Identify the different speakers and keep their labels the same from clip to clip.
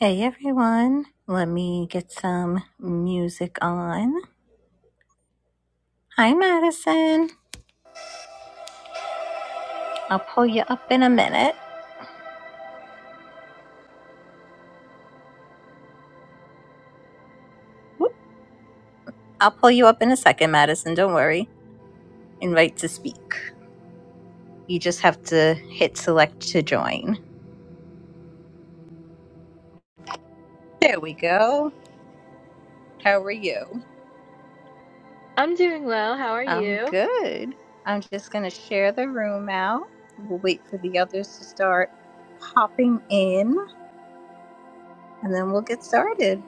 Speaker 1: Hey everyone, let me get some music on. Hi Madison, I'll pull you up in a minute. Whoop. I'll pull you up in a second, Madison, don't worry. Invite to speak. You just have to hit select to join. There we go. How are you?
Speaker 2: I'm doing well. How are
Speaker 1: I'm
Speaker 2: you?
Speaker 1: good. I'm just going to share the room out. We'll wait for the others to start popping in and then we'll get started.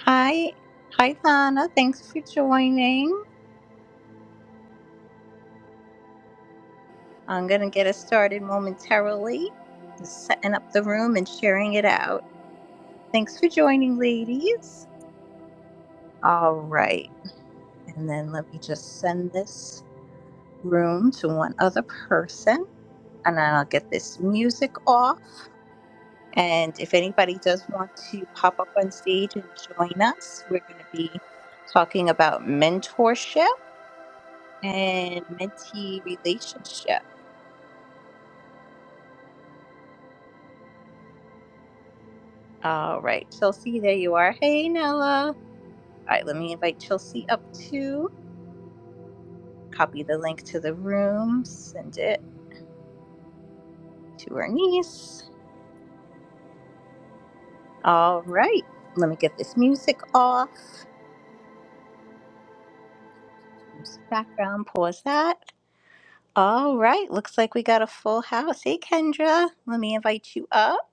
Speaker 1: Hi, hi Lana, thanks for joining. I'm going to get us started momentarily, setting up the room and sharing it out. Thanks for joining, ladies. All right. And then let me just send this room to one other person. And then I'll get this music off. And if anybody does want to pop up on stage and join us, we're going to be talking about mentorship and mentee relationship. All right, Chelsea, there you are. Hey, Nella. All right, let me invite Chelsea up too. Copy the link to the room, send it to her niece. All right, let me get this music off. Background, pause that. All right, looks like we got a full house. Hey, Kendra, let me invite you up.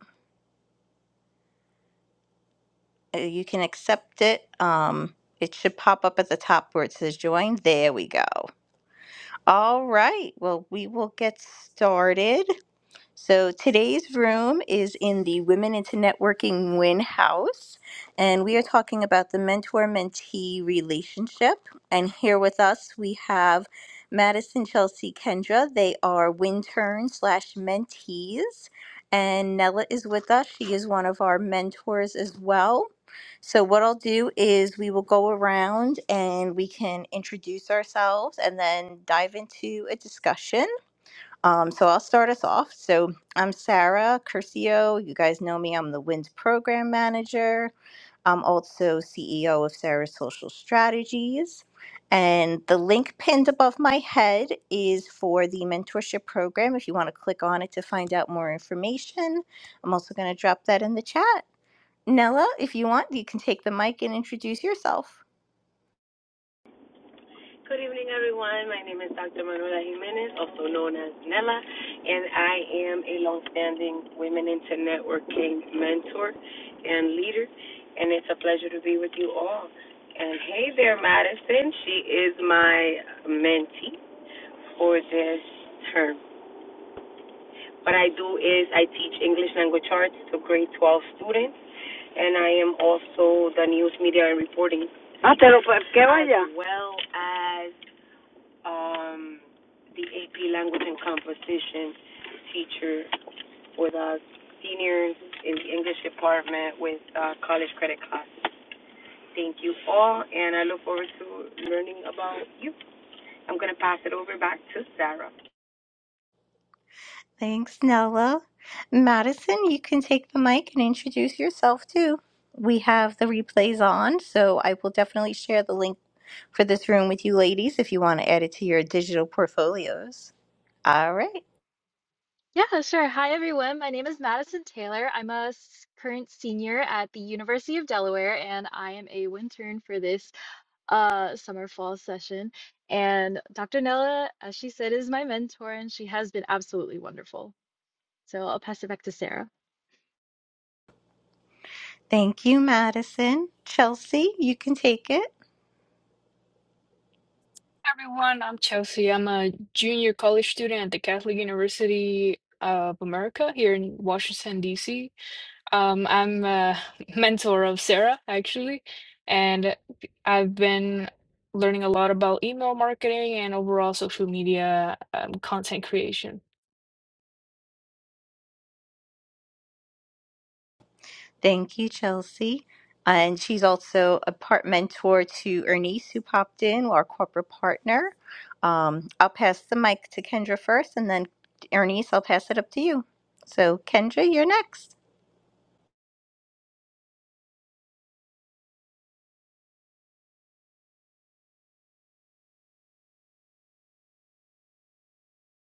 Speaker 1: Uh, You can accept it. Um, it should pop up at the top where it says join. There we go. All right, well, we will get started. So today's room is in the Women into Networking Win House, and we are talking about the mentor mentee relationship. And here with us, we have Madison Chelsea Kendra. They are Winturn slash mentees. And Nella is with us. She is one of our mentors as well. So, what I'll do is we will go around and we can introduce ourselves and then dive into a discussion. Um, so I'll start us off. So I'm Sarah Curcio. You guys know me. I'm the WINS program manager. I'm also CEO of Sarah's Social Strategies. And the link pinned above my head is for the mentorship program if you want to click on it to find out more information. I'm also going to drop that in the chat. Nella, if you want, you can take the mic and introduce yourself.
Speaker 3: Good evening, everyone. My name is Dr. Manuela Jimenez, also known as Nella, and I am a longstanding Women into Networking mentor and leader, and it's a pleasure to be with you all. And hey there, Madison. She is my mentee for this term. What I do is I teach English language arts to grade 12 students, and I am also the news media and reporting Ah, te lo que as vaya. as well as um, the AP Language and Composition teacher with us, seniors in the English department with uh, college credit class. Thank you all, and I look forward to learning about you. I'm going to pass it over back to Sarah.
Speaker 1: Thanks, Nella. Madison, you can take the mic and introduce yourself too. We have the replays on, so I will definitely share the link for this room with you ladies if you want to add it to your digital portfolios. All right.
Speaker 2: Yeah, sure. Hi, everyone. My name is Madison Taylor. I'm a s- current senior at the University of Delaware, and I am a intern for this uh, summer fall session. And Dr. Nella, as she said, is my mentor, and she has been absolutely wonderful. So I'll pass it back to Sarah.
Speaker 1: Thank you, Madison. Chelsea, you can take it.
Speaker 4: everyone, I'm Chelsea. I'm a junior college student at the Catholic University of America here in Washington, D.C. Um, I'm a mentor of Sarah, actually, and I've been learning a lot about email marketing and overall social media um, content creation.
Speaker 1: Thank you, Chelsea. Uh, And she's also a part mentor to Ernice, who popped in, our corporate partner. Um, I'll pass the mic to Kendra first, and then Ernice, I'll pass it up to you. So, Kendra, you're next.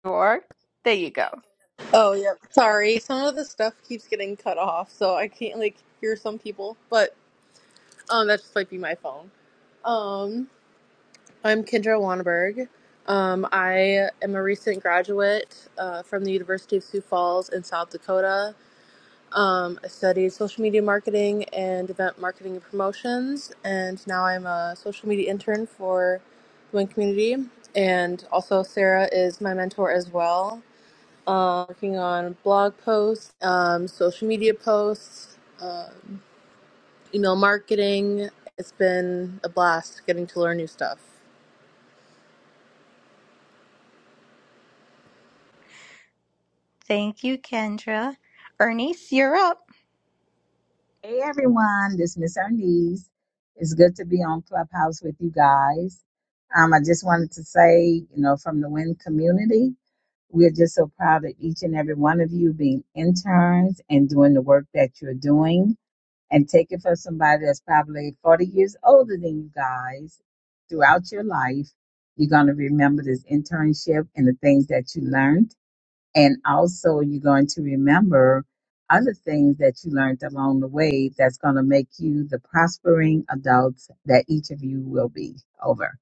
Speaker 1: Or, there you go.
Speaker 5: Oh, yep. Sorry, some of the stuff keeps getting cut off, so I can't like hear some people. But um, that just might be my phone. Um, I'm Kendra Wanberg. Um, I am a recent graduate uh, from the University of Sioux Falls in South Dakota. Um, I studied social media marketing and event marketing and promotions, and now I'm a social media intern for the Win Community. And also, Sarah is my mentor as well uh, working on blog posts, um, social media posts, uh, email marketing. It's been a blast getting to learn new stuff.
Speaker 1: Thank you, Kendra. Ernice, you're up.
Speaker 6: Hey everyone, this is Miss Ernise. It's good to be on Clubhouse with you guys. Um, I just wanted to say, you know, from the WIN community, we're just so proud of each and every one of you being interns and doing the work that you're doing and take it for somebody that's probably 40 years older than you guys throughout your life. You're going to remember this internship and the things that you learned and also, you're going to remember other things that you learned along the way that's going to make you the prospering adults that each of you will be over.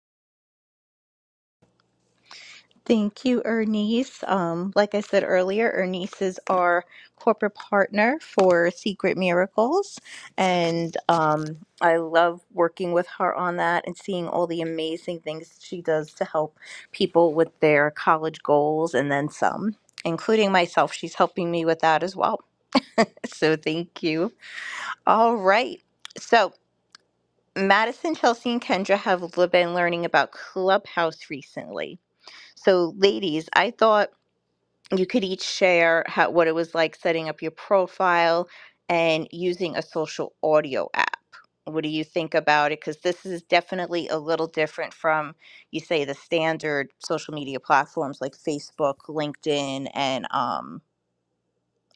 Speaker 1: Thank you, Ernice. Um, like I said earlier, Ernice is our corporate partner for Secret Miracles. And um, I love working with her on that and seeing all the amazing things she does to help people with their college goals and then some, including myself. She's helping me with that as well. So thank you. All right. So, Madison, Chelsea, and Kendra have been learning about Clubhouse recently. So, ladies, I thought you could each share how what it was like setting up your profile and using a social audio app. What do you think about it? Because this is definitely a little different from, you say, the standard social media platforms like Facebook, LinkedIn, and um,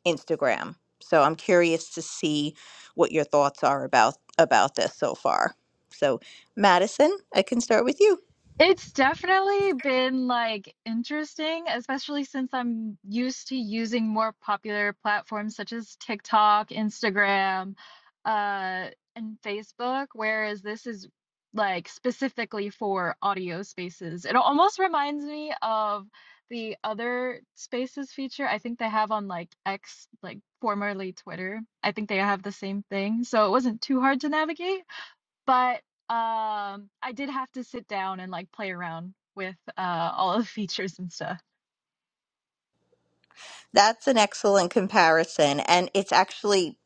Speaker 1: Instagram. So I'm curious to see what your thoughts are about about this so far. So, Madison, I can start with you.
Speaker 2: It's definitely been like interesting, especially since I'm used to using more popular platforms such as TikTok, Instagram, uh, and Facebook, whereas this is like specifically for audio spaces. It almost reminds me of the other spaces feature I think they have on like X, like formerly Twitter. I think they have the same thing, so it wasn't too hard to navigate but um i did have to sit down and like play around with uh all of the features and stuff
Speaker 1: That's an excellent comparison. And it's actually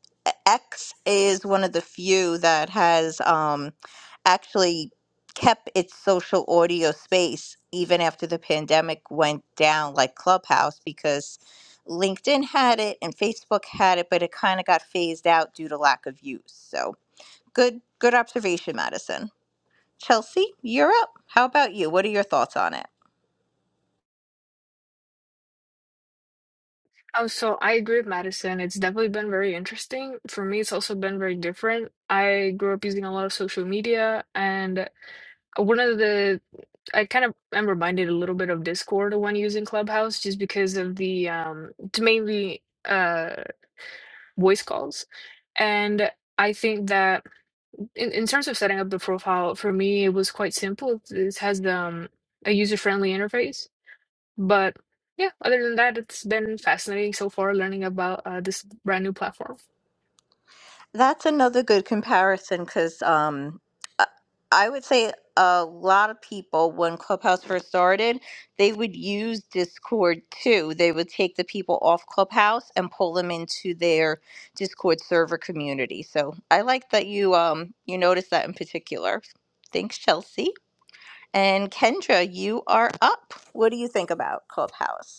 Speaker 1: X is one of the few that has um, actually kept its social audio space even after the pandemic went down, like Clubhouse, because LinkedIn had it and Facebook had it, but it kind of got phased out due to lack of use. So good, good observation, Madison. Chelsea, you're up. How about you? What are your thoughts on it?
Speaker 4: Um, so I agree with Madison. It's definitely been very interesting. For me, it's also been very different. I grew up using a lot of social media and one of the I kind of am reminded a little bit of Discord when using Clubhouse just because of the um it's mainly uh voice calls. And I think that in, in terms of setting up the profile, for me it was quite simple. It, has the, um a user-friendly interface. But yeah, other than that, it's been fascinating so far learning about uh, this brand new platform.
Speaker 1: That's another good comparison because um, I I would say a lot of people, when Clubhouse first started, they would use Discord too. They would take the people off Clubhouse and pull them into their Discord server community. So I like that you um, you noticed that in particular. Thanks, Chelsea. And Kendra, you are up. What do you think about Clubhouse?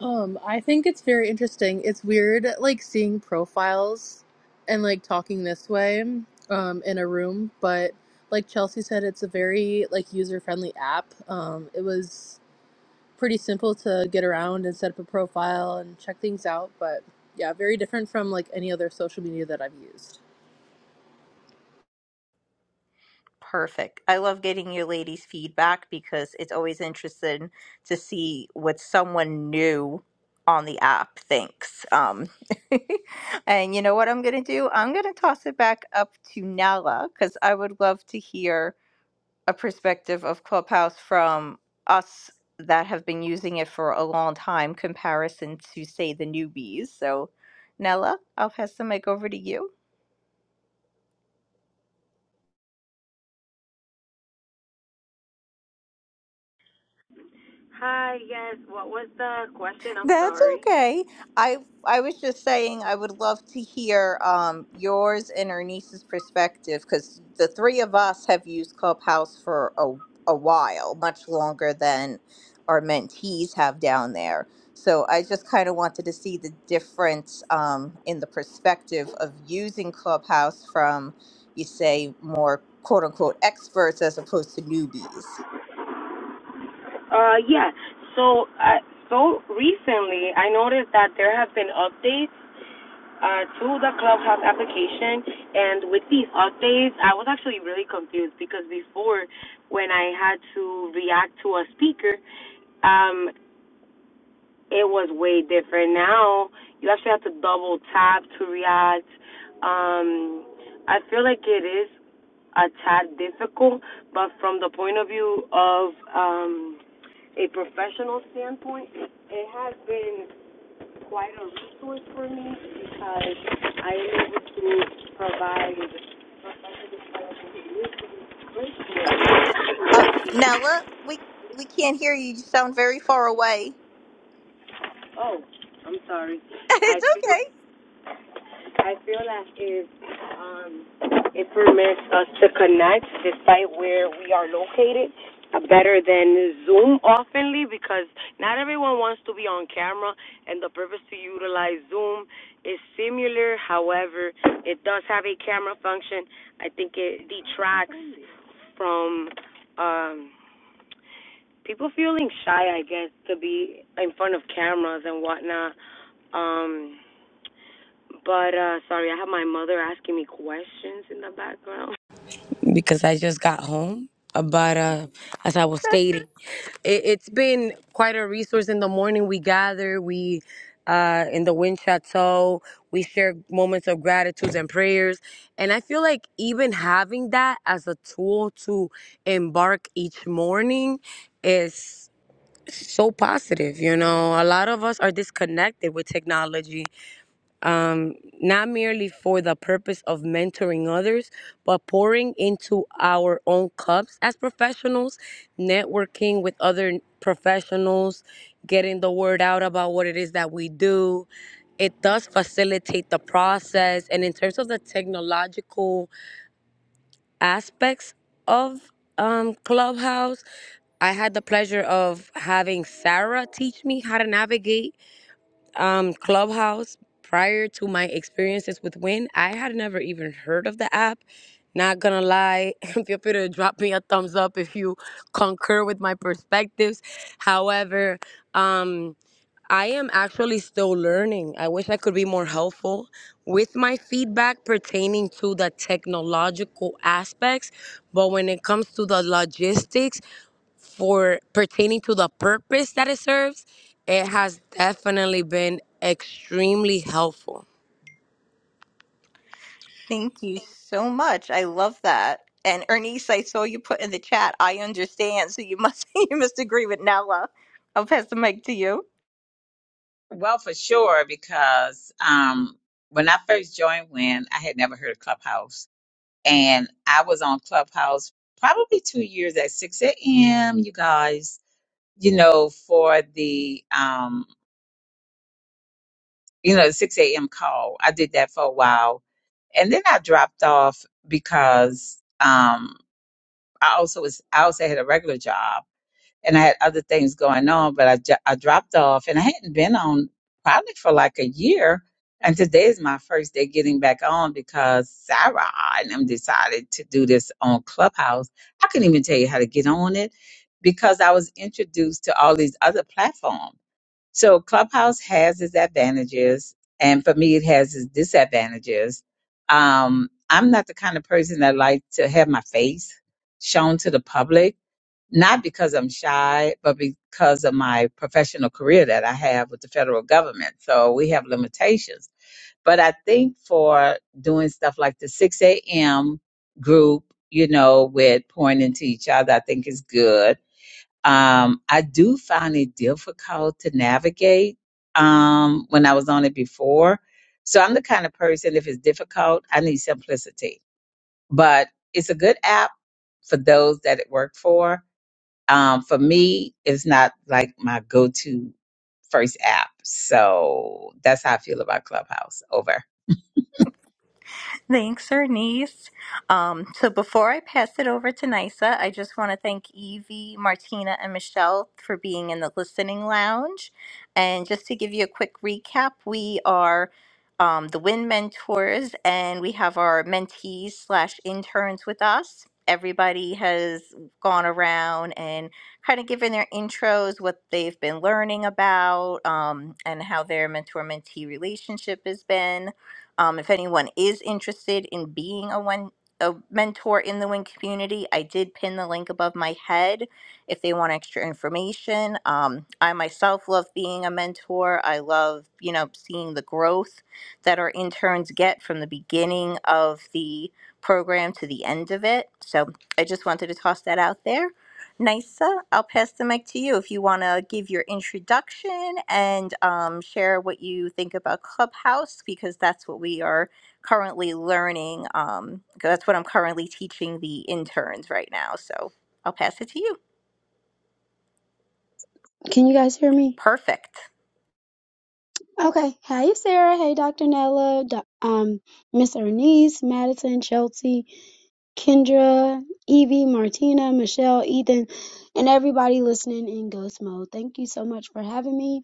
Speaker 5: Um, I think it's very interesting. It's weird, like seeing profiles and like talking this way um, in a room, but like Chelsea said, it's a very like user friendly app. Um, it was pretty simple to get around and set up a profile and check things out, but yeah, very different from like any other social media that I've used.
Speaker 1: Perfect. I love getting your ladies' feedback because it's always interesting to see what someone new on the app thinks. Um, and you know what I'm going to do? I'm going to toss it back up to Nala because I would love to hear a perspective of Clubhouse from us that have been using it for a long time, comparison to, say, the newbies. So, Nala, I'll pass the mic over to you.
Speaker 3: Hi, yes. What was the question? I'm
Speaker 1: That's
Speaker 3: sorry.
Speaker 1: okay. I I was just saying I would love to hear um yours and her niece's perspective because the three of us have used Clubhouse for a a while, much longer than our mentees have down there. So I just kind of wanted to see the difference um, in the perspective of using Clubhouse from, you say, more quote unquote experts as opposed to newbies.
Speaker 3: Uh, yeah. So, uh, so recently, I noticed that there have been updates uh, to the Clubhouse application. And with these updates, I was actually really confused because before, when I had to react to a speaker, um, it was way different. Now you actually have to double tap to react. Um, I feel like it is a tad difficult, but from the point of view of um, a professional standpoint, it has been quite a resource for me because I am able to provide a description.
Speaker 1: Um, Nella, we we can't hear you. You sound very far away.
Speaker 3: Oh, I'm sorry. I
Speaker 1: It's
Speaker 3: feel
Speaker 1: okay.
Speaker 3: I feel that it um it permits us to connect despite where we are located uh, better than Zoom oftenly because not everyone wants to be on camera and the purpose to utilize Zoom is similar. However, it does have a camera function. I think it detracts from um people feeling shy I guess to be in front of cameras and whatnot. Um but uh sorry, I have my mother asking me questions in the background. because I just got home. uh, But uh, as I was stating, it, it's been quite a resource. In the morning, we gather, we uh, in the wind chateau, we share moments of gratitude and prayers. And I feel like even having that as a tool to embark each morning is so positive. You know, a lot of us are disconnected with technology um, not merely for the purpose of mentoring others, but pouring into our own cups as professionals, networking with other professionals, getting the word out about what it is that we do. It does facilitate the process. And in terms of the technological aspects of um, Clubhouse, I had the pleasure of having Sarah teach me how to navigate um, Clubhouse prior to my experiences with Win. I had never even heard of the app. Not gonna lie, feel free to drop me a thumbs up if you concur with my perspectives. However, um, I am actually still learning. I wish I could be more helpful with my feedback pertaining to the technological aspects, but when it comes to the logistics, for pertaining to the purpose that it serves, it has definitely been extremely helpful.
Speaker 1: Thank you so much. I love that. And Ernice, I saw you put in the chat. I understand. So you must you must agree with Nella. I'll pass the mic to you.
Speaker 6: Well, for sure, because um, when I first joined Win, I had never heard of Clubhouse. And I was on Clubhouse probably two years at 6 a.m., you guys, you know, for the, um, you know, the 6 a.m. call. I did that for a while. and then I dropped off because um, I also was I also had a regular job and I had other things going on, but I jo- I dropped off and I hadn't been on probably for like a year. And today is my first day getting back on because Sarah and them decided to do this on Clubhouse. I couldn't even tell you how to get on it because I was introduced to all these other platforms. So Clubhouse has its advantages, and for me, it has its disadvantages. Um, I'm not the kind of person that like to have my face shown to the public, not because I'm shy, but because of my professional career that I have with the federal government. So we have limitations. But I think for doing stuff like the 6 a.m. group, you know, with pointing to each other, I think is good um, I do find it difficult to navigate um, when I was on it before. So I'm the kind of person, if it's difficult, I need simplicity. But it's a good app for those that it worked for. Um, for me, it's not like my go to first app. So that's how I feel about Clubhouse. Over.
Speaker 1: Thanks, Ernest. Um, so before I pass it over to NISA, I just want to thank Evie, Martina, and Michelle for being in the listening lounge. And just to give you a quick recap, we are um, the WIN mentors, and we have our mentees slash interns with us. Everybody has gone around and kind of given their intros, what they've been learning about, um, and how their mentor mentee relationship has been um, if anyone is interested in being a one a mentor in the Win community, I did pin the link above my head if they want extra information. Um, I myself love being a mentor. I love, you know, seeing the growth that our interns get from the beginning of the program to the end of it. So I just wanted to toss that out there. Nisa, I'll pass the mic to you if you want to give your introduction and um, share what you think about Clubhouse, because that's what we are currently learning. Um, 'cause that's what I'm currently teaching the interns right now. So I'll pass it to you.
Speaker 7: Can you guys hear me?
Speaker 1: Perfect.
Speaker 7: Okay. Hey, Sarah. Hey, Dr. Nella. Do- um, Miss Ernise, Madison, Chelsea, Kendra, Evie, Martina, Michelle, Ethan, and everybody listening in Ghost Mode. Thank you so much for having me.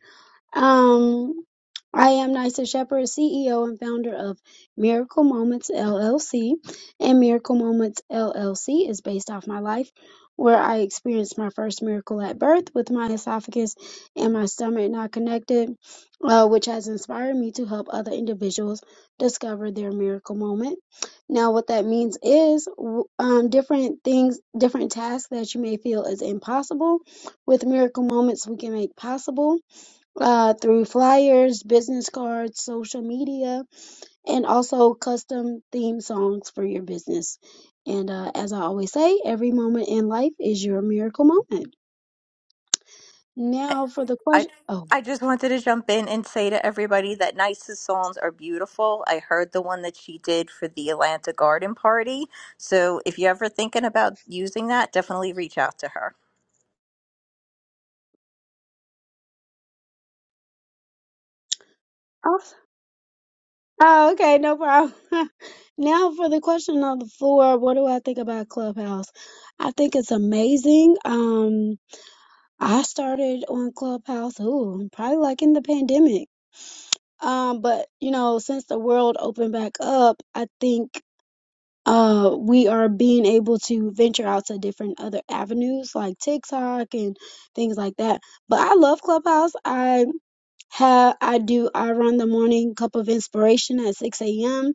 Speaker 7: Um, I am Nysa Shepherd, CEO and founder of Miracle Moments LLC. And Miracle Moments LLC is based off my life, where I experienced my first miracle at birth with my esophagus and my stomach not connected, uh, which has inspired me to help other individuals discover their miracle moment. Now, what that means is w- um, different things, different tasks that you may feel is impossible. With Miracle Moments, we can make possible uh, through flyers, business cards, social media, and also custom theme songs for your business. And uh, as I always say, every moment in life is your miracle moment.
Speaker 1: I,
Speaker 7: Now for the
Speaker 1: I
Speaker 7: question. Oh,
Speaker 1: I just wanted to jump in and say to everybody that Nice's songs are beautiful. I heard the one that she did for the Atlanta Garden Party. So if you're ever thinking about using that, definitely reach out to her.
Speaker 7: oh, oh, okay, no problem. now for the question on the floor. What do I think about Clubhouse? I think it's amazing. Um, I started on Clubhouse. Ooh, probably like in the pandemic. Um, but you know, since the world opened back up, I think uh we are being able to venture out to different other avenues like TikTok and things like that. But I love Clubhouse. I have I do I run the morning cup of inspiration at 6 a.m.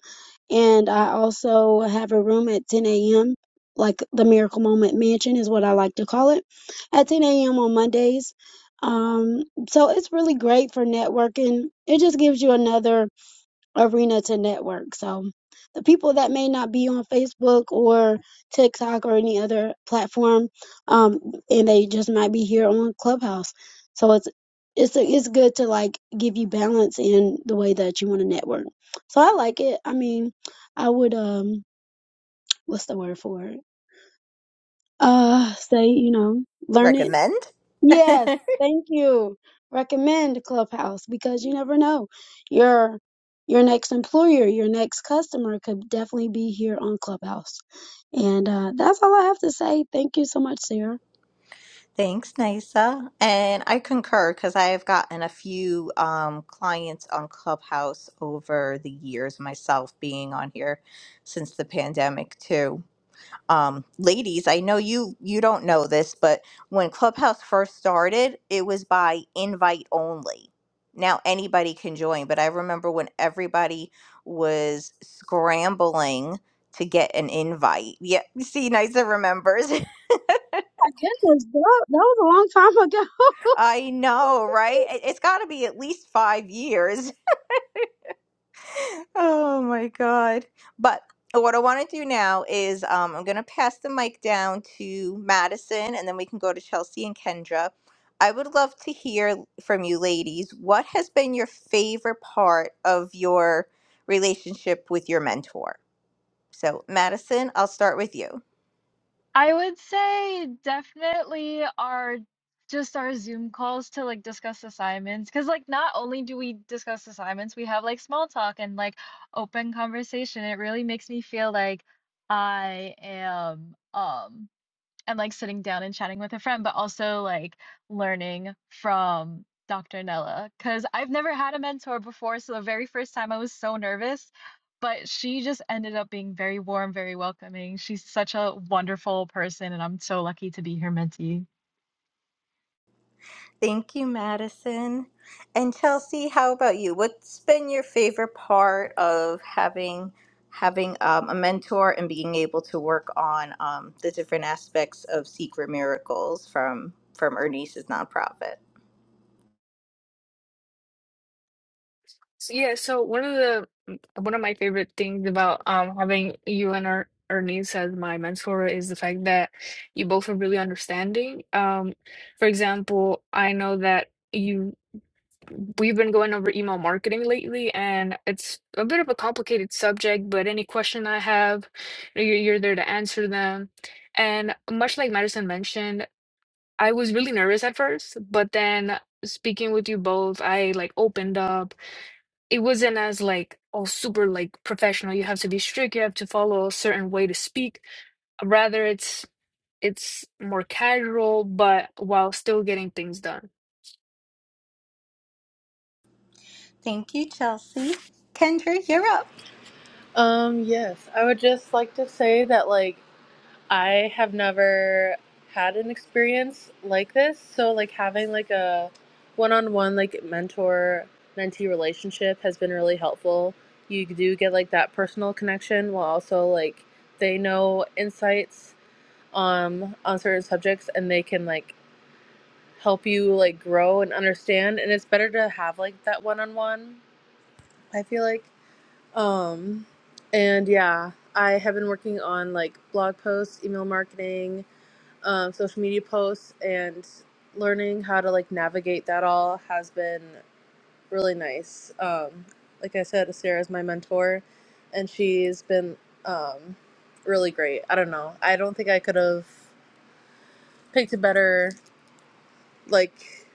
Speaker 7: and I also have a room at 10 a.m. like the Miracle Moment Mansion is what I like to call it at 10 a.m. on Mondays. Um so it's really great for networking. It just gives you another arena to network. So the people that may not be on Facebook or TikTok or any other platform, um, and they just might be here on Clubhouse. So it's it's it's good to like give you balance in the way that you want to network. So I like it. I mean, I would um, what's the word for it? Uh, say you know, learn it
Speaker 1: recommend.
Speaker 7: Yes, thank you. Recommend Clubhouse because you never know. Your your next employer, your next customer could definitely be here on Clubhouse. And uh, that's all I have to say. Thank you so much, Sarah.
Speaker 1: Thanks, Nisa. And I concur because I have gotten a few um, clients on Clubhouse over the years, myself being on here since the pandemic too. Um, ladies, I know you you don't know this, but when Clubhouse first started, it was by invite only. Now anybody can join, but I remember when everybody was scrambling to get an invite. Yeah, see, Nisa remembers.
Speaker 7: My goodness, that, that was a long time ago.
Speaker 1: I know, right? It- It's got to be at least five years. Oh my God. But what I want to do now is um, I'm going to pass the mic down to Madison and then we can go to Chelsea and Kendra. I would love to hear from you ladies. What has been your favorite part of your relationship with your mentor? So, Madison, I'll start with you.
Speaker 2: i would say definitely our just our zoom calls to like discuss assignments because like not only do we discuss assignments we have like small talk and like open conversation it really makes me feel like i am um and, like, sitting down and chatting with a friend, but also, like, learning from Dr. Nella, because 'cause I've never had a mentor before, so the very first time I was so nervous, but she just ended up being very warm, very welcoming. She's such a wonderful person, and I'm so lucky to be her mentee.
Speaker 1: Thank you, Madison. And Chelsea, how about you? What's been your favorite part of having having um, a mentor and being able to work on um, the different aspects of Secret Miracles from from Ernie's nonprofit?
Speaker 4: So, yeah, so one of the one of my favorite things about um having you and our Ernest as my mentor is the fact that you both are really understanding. Um, for example, I know that you we've been going over email marketing lately, and it's a bit of a complicated subject, but any question I have, you're, you're there to answer them. And much like Madison mentioned, I was really nervous at first, but then speaking with you both, I like opened up it wasn't as like all super like professional. You have to be strict. You have to follow a certain way to speak. Rather, it's it's more casual, but while still getting things done.
Speaker 1: Thank you, Chelsea. Kendra, you're up.
Speaker 5: Um, yes, I would just like to say that, like, I have never had an experience like this. So, like, having like a one on one, like, mentor mentee relationship has been really helpful. You do get like that personal connection while also like they know insights um on certain subjects and they can like help you like grow and understand and it's better to have like that one on one I feel like um, and yeah, I have been working on like blog posts, email marketing, um, social media posts, and learning how to like navigate that all has been really nice. Um, like I said, Sarah's my mentor, and she's been um, really great. I don't know. I don't think I could have picked a better like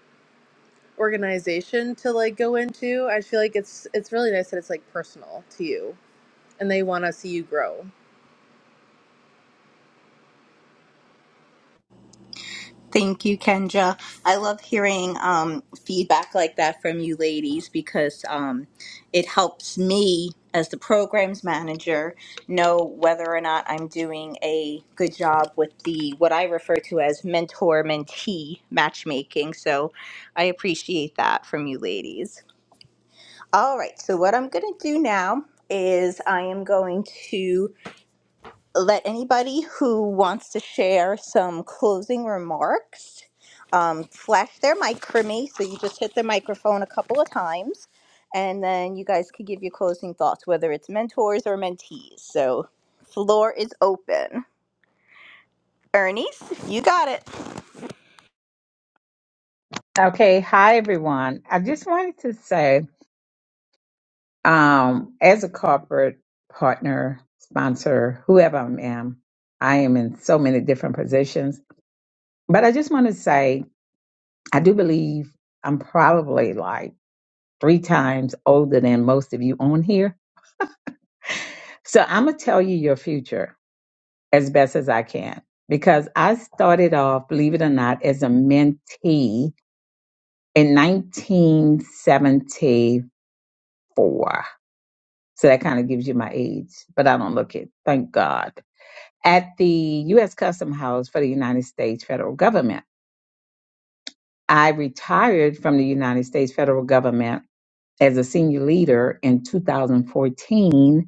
Speaker 5: organization to like go into. I feel like it's it's really nice that it's like personal to you, and they want to see you grow.
Speaker 1: Thank you, Kendra. I love hearing um, feedback like that from you ladies because um, it helps me as the programs manager know whether or not I'm doing a good job with the what I refer to as mentor mentee matchmaking. So I appreciate that from you ladies. All right, so what I'm going to do now is I am going to let anybody who wants to share some closing remarks um, flash their mic for me. So you just hit the microphone a couple of times, and then you guys could give your closing thoughts, whether it's mentors or mentees. So floor is open. Ernice, you got it.
Speaker 6: Okay, hi everyone. I just wanted to say, um, as a corporate partner, sponsor, whoever I am, I am in so many different positions. But I just want to say, I do believe I'm probably like three times older than most of you on here. So I'm going to tell you your future as best as I can because I started off, believe it or not, as a mentee in 1974. So that kind of gives you my age, but I don't look it. Thank God. At the U.S. Custom House for the United States federal government, I retired from the United States federal government as a senior leader in 2014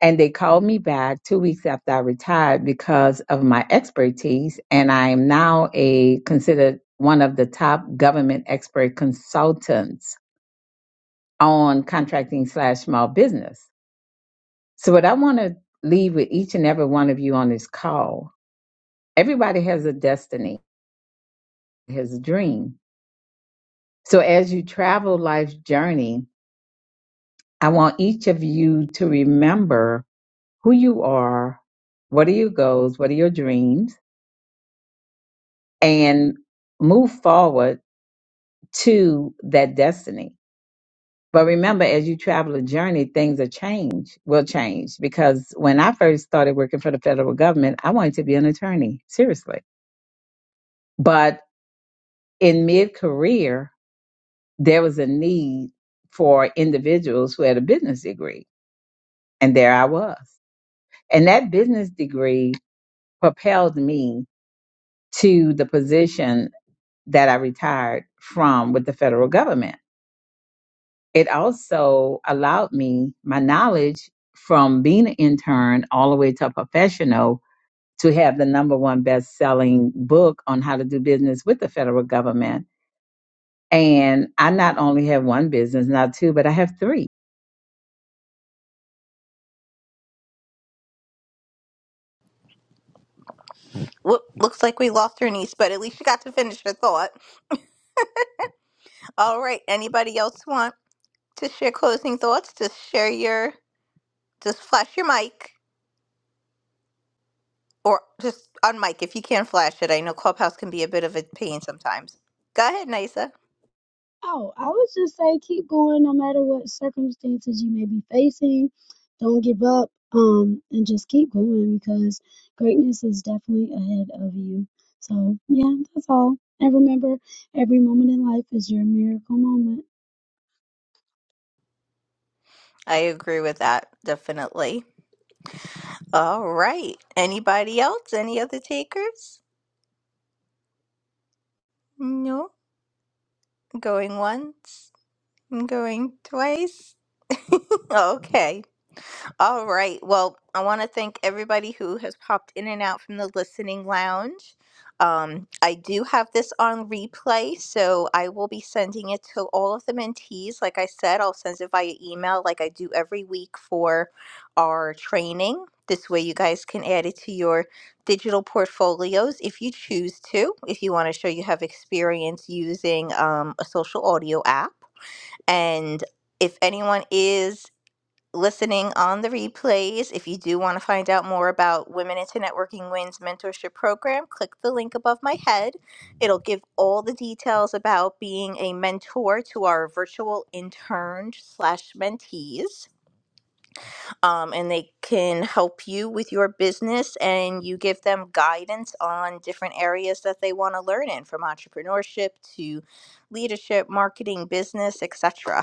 Speaker 6: And they called me back two weeks after I retired because of my expertise. And I am now a considered one of the top government expert consultants on contracting slash small business. So what I want to leave with each and every one of you on this call, everybody has a destiny, has a dream. So as you travel life's journey, I want each of you to remember who you are, what are your goals, what are your dreams? and move forward to that destiny. But remember, as you travel a journey, things are change will change because when I first started working for the federal government, I wanted to be an attorney, seriously. But in mid career, there was a need for individuals who had a business degree. And there I was. And that business degree propelled me to the position that I retired from with the federal government it also allowed me my knowledge from being an intern all the way to a professional to have the number one best selling book on how to do business with the federal government. And I not only have one business, not two, but I have three
Speaker 1: Whoop, looks like we lost Ernice, but at least you got to finish your thought. All right. Anybody else want to share closing thoughts? Just share your, just flash your mic. Or just on mic if you can not flash it. I know Clubhouse can be a bit of a pain sometimes. Go ahead, Nisa.
Speaker 7: Oh, I would just say keep going no matter what circumstances you may be facing. Don't give up, um, and just keep going because greatness is definitely ahead of you. So, yeah, that's all. And remember, every moment in life is your miracle moment.
Speaker 1: I agree with that, definitely. All right. Anybody else? Any other takers? No. Going once. Going twice. okay. All right. Well, I want to thank everybody who has popped in and out from the listening lounge. Um, I do have this on replay, so I will be sending it to all of the mentees. Like I said, I'll send it via email, like I do every week for our training. This way, you guys can add it to your digital portfolios if you choose to, if you want to show you have experience using um, a social audio app. And if anyone is listening on the replays, if you do want to find out more about Women into Networking Wins mentorship program, click the link above my head. It'll give all the details about being a mentor to our virtual intern slash mentees. Um, and they can help you with your business and you give them guidance on different areas that they want to learn in from entrepreneurship to leadership, marketing, business, etc.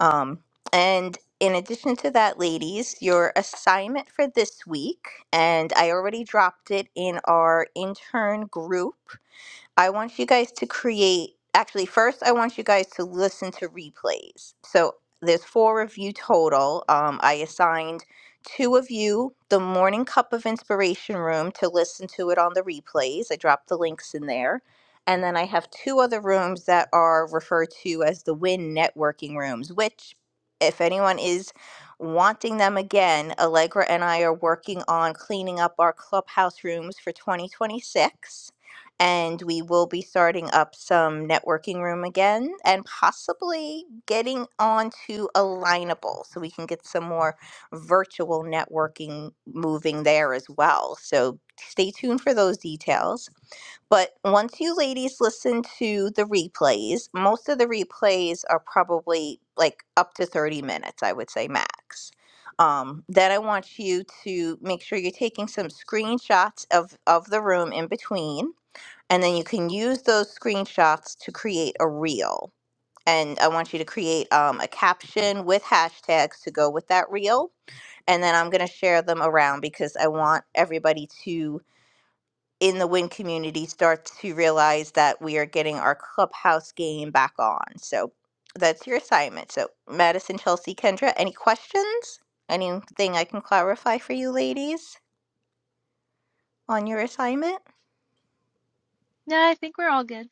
Speaker 1: Um, and in addition to that, ladies, your assignment for this week, and I already dropped it in our intern group. I want you guys to create, actually, first, I want you guys to listen to replays. So there's four of you total. Um, I assigned two of you the Morning Cup of Inspiration room to listen to it on the replays. I dropped the links in there. And then I have two other rooms that are referred to as the Win Networking rooms, which, if anyone is wanting them again, Allegra and I are working on cleaning up our clubhouse rooms for 2026 and we will be starting up some networking room again and possibly getting onto a lineable so we can get some more virtual networking moving there as well so stay tuned for those details but once you ladies listen to the replays most of the replays are probably like up to 30 minutes i would say max um, then i want you to make sure you're taking some screenshots of of the room in between and then you can use those screenshots to create a reel. And I want you to create um, a caption with hashtags to go with that reel. And then I'm going to share them around because I want everybody to, in the WIN community, start to realize that we are getting our clubhouse game back on. So that's your assignment. So, Madison, Chelsea, Kendra, any questions? Anything I can clarify for you ladies on your assignment?
Speaker 2: Yeah, I think we're all good.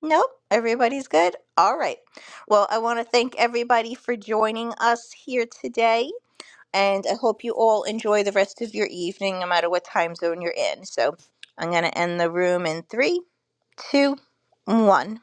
Speaker 1: Nope, everybody's good. All right. Well, I want to thank everybody for joining us here today, and I hope you all enjoy the rest of your evening, no matter what time zone you're in. So I'm going to end the room in three, two, one.